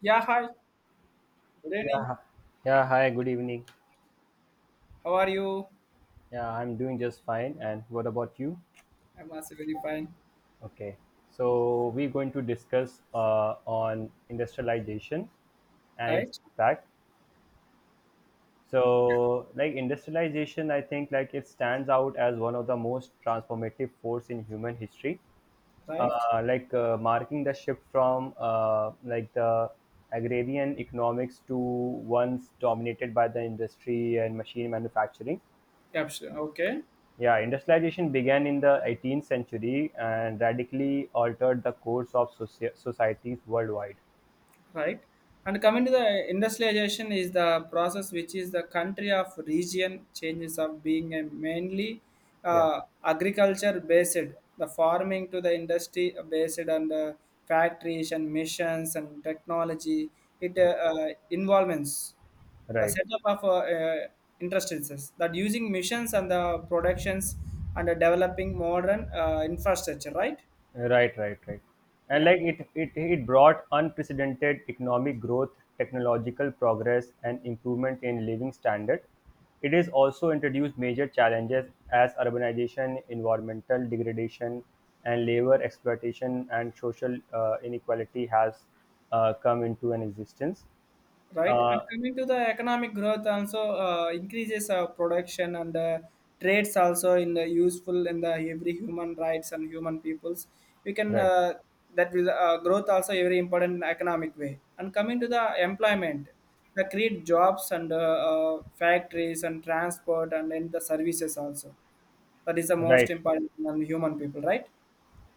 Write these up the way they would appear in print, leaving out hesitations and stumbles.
Yeah, hi. Good evening. Yeah, yeah. Hi, good evening. How are you? Yeah, I'm doing just fine. And what about you? I'm also very fine. Okay. So we're going to discuss on industrialization and its Right? impact. So, like industrialization, I think like it stands out as one of the most transformative force in human history. Right? Marking the shift from like the agrarian economics to ones dominated by the industry and machine manufacturing. Yeah, sure. Okay. Yeah, industrialization began in the 18th century and radically altered the course of societies worldwide. Right, and coming to the industrialization is the process which is the country of region changes of being a mainly Yeah, agriculture based, the farming to the industry based, and factories and missions and technology. It right, Involvements, the right, setup of uh, instances that using missions and the productions, and developing modern infrastructure, right? right, right, right. And Yeah, like it brought unprecedented economic growth, technological progress, and improvement in living standard. It has also introduced major challenges as urbanization, environmental degradation, and labor exploitation and social inequality has come into an existence. right? And Uh, coming to the economic growth, also increases production and trades also, in the useful in the every human rights and human peoples. We can Right, That will growth also a very important economic way. And coming to the employment, the create jobs and factories and transport and then the services also. That is the most right, important on human people, right?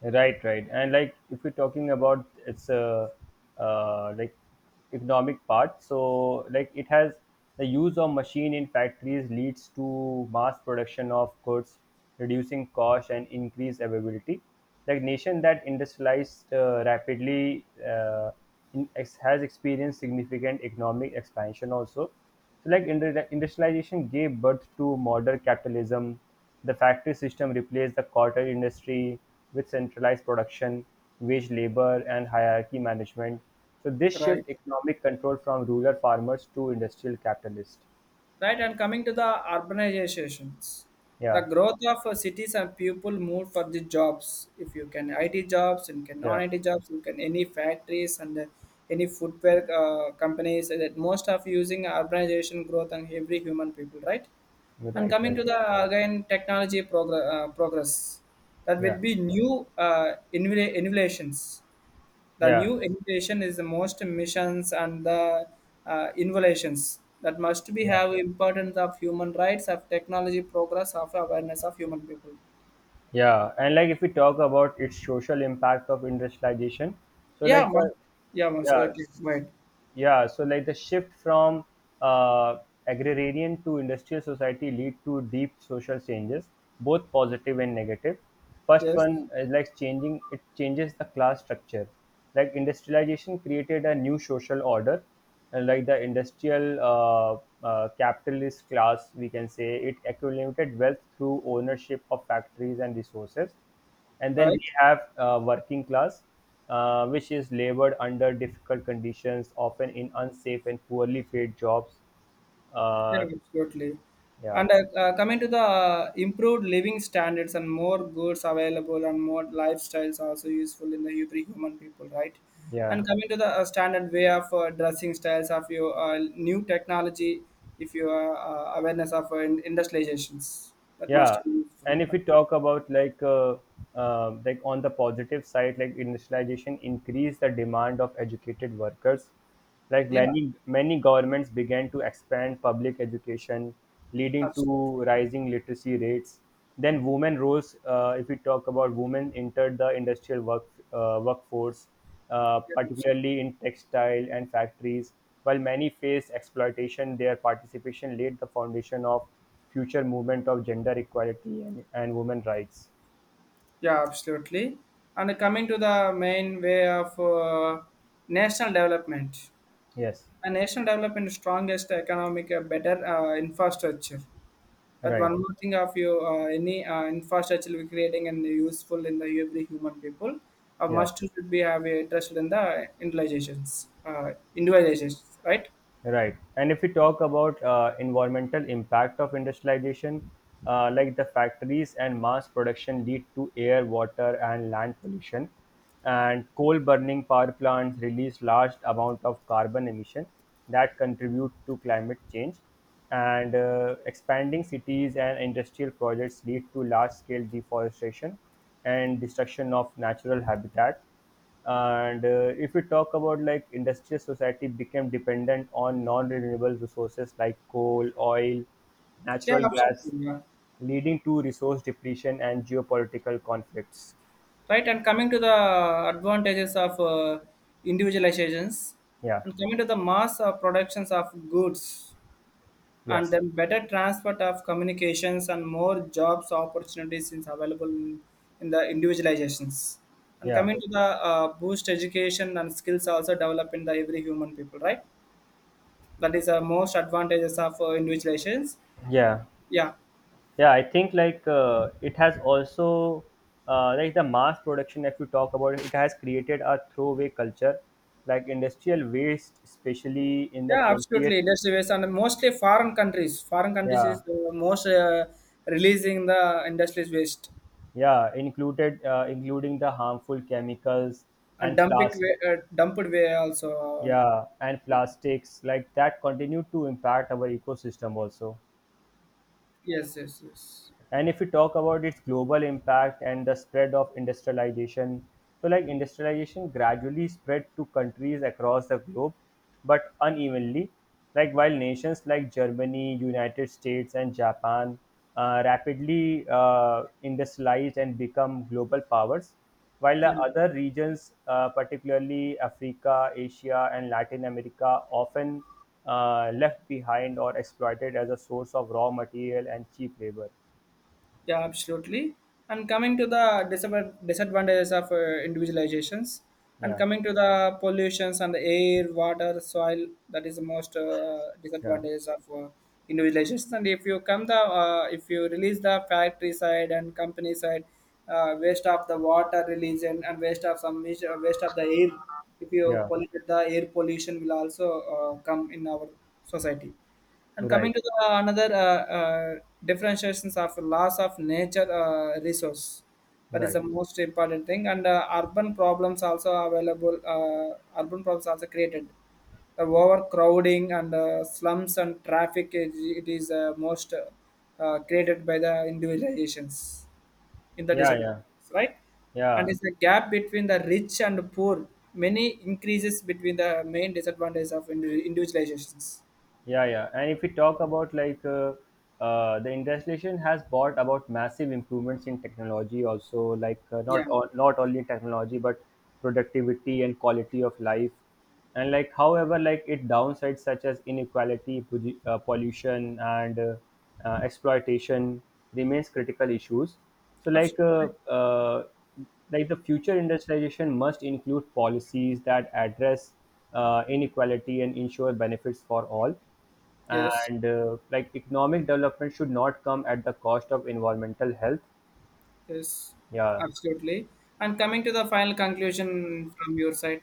right, right. And like if we're talking about its like economic part, so like it has the use of machine in factories leads to mass production of goods, reducing cost and increase availability. Like nation that industrialized rapidly has experienced significant economic expansion also. So like industrialization gave birth to modern capitalism. The factory system replaced the cotton industry with centralized production, wage labor, and hierarchy management. So this Right. shift economic control from rural farmers to industrial capitalists. Right, and coming to the urbanizations, the Yeah, growth of cities and people move for the jobs. If you can IT jobs, you can yeah, non-IT jobs, you can any factories and any footwear companies. That most of using urbanization growth and every human people, right? you're And right, coming right. to the again technology progress, that Yeah, will be new innovations, the yeah, new education is the most missions and the innovations that must be yeah, have importance of human rights, of technology progress, of awareness of human people. yeah. And like if we talk about its social impact of industrialization, so Yeah, like must, the yeah, must. yeah Okay, s- wait. yeah so like the shift from uh, agrarian to industrial society lead to deep social changes both positive and negative. Negative first Yes, one is like changing it changes the class structure, like industrialization created a new social order, and like the industrial capitalist class, we can say it accumulated wealth through ownership of factories and resources, and then we right. have working class, which is labored under difficult conditions often in unsafe and poorly paid jobs Yeah, uh, absolutely. yeah, And coming to the improved living standards and more goods available and more lifestyles are also useful in the every human people, right? yeah, And coming to the standard way of dressing styles of your new technology, if you are awareness of industrializations, that yeah. must be useful. And if we talk about like on the positive side, like industrialization increased the demand of educated workers, like Yeah, many governments began to expand public education, leading to absolutely. rising literacy rates. Then women rose if we talk about women entered the industrial workforce, Yeah, abs- particularly in textile and factories. While many faced exploitation, their participation laid the foundation of future movement of gender equality and women rights. yeah, absolutely. And coming to the main way of national development. Yes, A national development is strongest economic, better infrastructure, but right, one more thing of you, any infrastructure we creating and useful in the every human people yeah. must should be have a interested in the individualizations, right? Right. And if we talk about environmental impact of industrialization, like the factories and mass production lead to air, water, and land pollution, and coal burning power plants release large amount of carbon emission that contribute to climate change, and expanding cities and industrial projects lead to large scale deforestation and destruction of natural habitat. And if we talk about like industrial society became dependent on non-renewable resources like coal oil Yeah, natural gas, absolutely, yeah. leading to resource depletion and geopolitical conflicts. Right, and coming to the advantages of individualizations, Yeah, and coming to the mass productions of goods, and yes, then better transfer of communications and more jobs opportunities is available in the individualizations, and yeah, coming to the boost education and skills also develop in the every human people, right? That is the most advantages of individualizations. yeah, Yeah, yeah. I think like it has also like the mass production, if you talk about it, it has created a throwaway culture. Like industrial waste, especially in the yeah, 20th. absolutely. Industry based and mostly foreign countries, foreign countries Yeah, is the most releasing the industries waste, yeah, included including the harmful chemicals and and dumping way, plastic. Dumped way also. Yeah, and plastics like that continue to impact our ecosystem also. Yes, yes, yes. And if we talk about its global impact and the spread of industrialization, so like industrialization gradually spread to countries across the globe, but unevenly. Like while nations like Germany, United States and Japan rapidly industrialized and become global powers, while the Yeah. other regions particularly Africa, Asia and Latin America often left behind or exploited as a source of raw material and cheap labor. Yeah, absolutely. And coming to the disadvantages of individualizations, and Yeah, coming to the pollutions and the air, water, soil, that is the most yeah, disadvantages of individualizations. And if you come if you release the factory side and company side, waste of the water release and waste of some waste waste of the air. If you yeah. pollute the air, pollution will also come in our society. And Right, coming to the another differentiations of loss of nature resource, that is right. the most important thing. And urban problems also available. Urban problems also created. The overcrowding and slums and traffic, it is most created by the individualizations in the Yeah, yeah, disadvantages, right? And yeah, it's the gap between the rich and poor. Many increases between the main disadvantages of individualizations. yeah, yeah. And if we talk about like the industrialization has brought about massive improvements in technology, also like Yeah. Not only technology but productivity and quality of life. And like, however, like it downsides such as inequality, pollution, and exploitation remains critical issues. So like. Uh, Absolutely. uh, like the future industrialization must include policies that address inequality and ensure benefits for all, Yes, and like economic development should not come at the cost of environmental health. yes, Yeah. absolutely. And coming to the final conclusion from your side,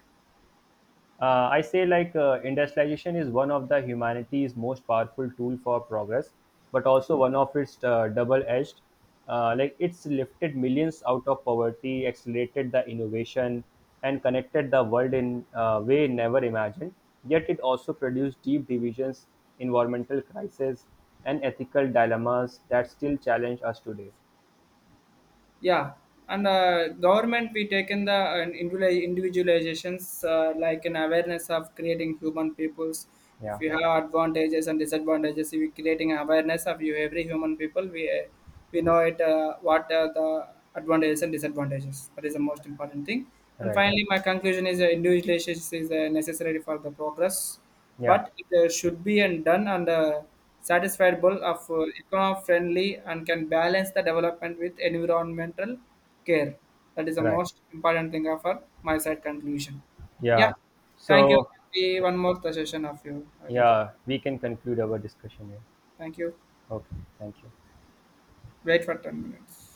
I say like industrialization is one of the humanity's most powerful tool for progress, but also one of its double-edged. Like it's lifted millions out of poverty, accelerated the innovation, and connected the world in a way never imagined. Yet it also produced deep divisions, environmental crises, and ethical dilemmas that still challenge us today. yeah, and government we taken the individualizations like an awareness of creating human peoples. Yeah. If you have advantages and disadvantages, if you creating awareness of you every human people, we know it what are the advantages and disadvantages. That is the most important thing. And Right. finally, my conclusion is individualization is necessary for the progress. Yeah. But it should be and done and satisfiable of eco friendly and can balance the development with environmental care. That is the Right. most important thing of our my side conclusion. Yeah, Yeah. thank you. So, Be one more session of you. I get you. yeah, we can conclude our discussion here. Thank you. Okay, thank you. Wait for 10 minutes.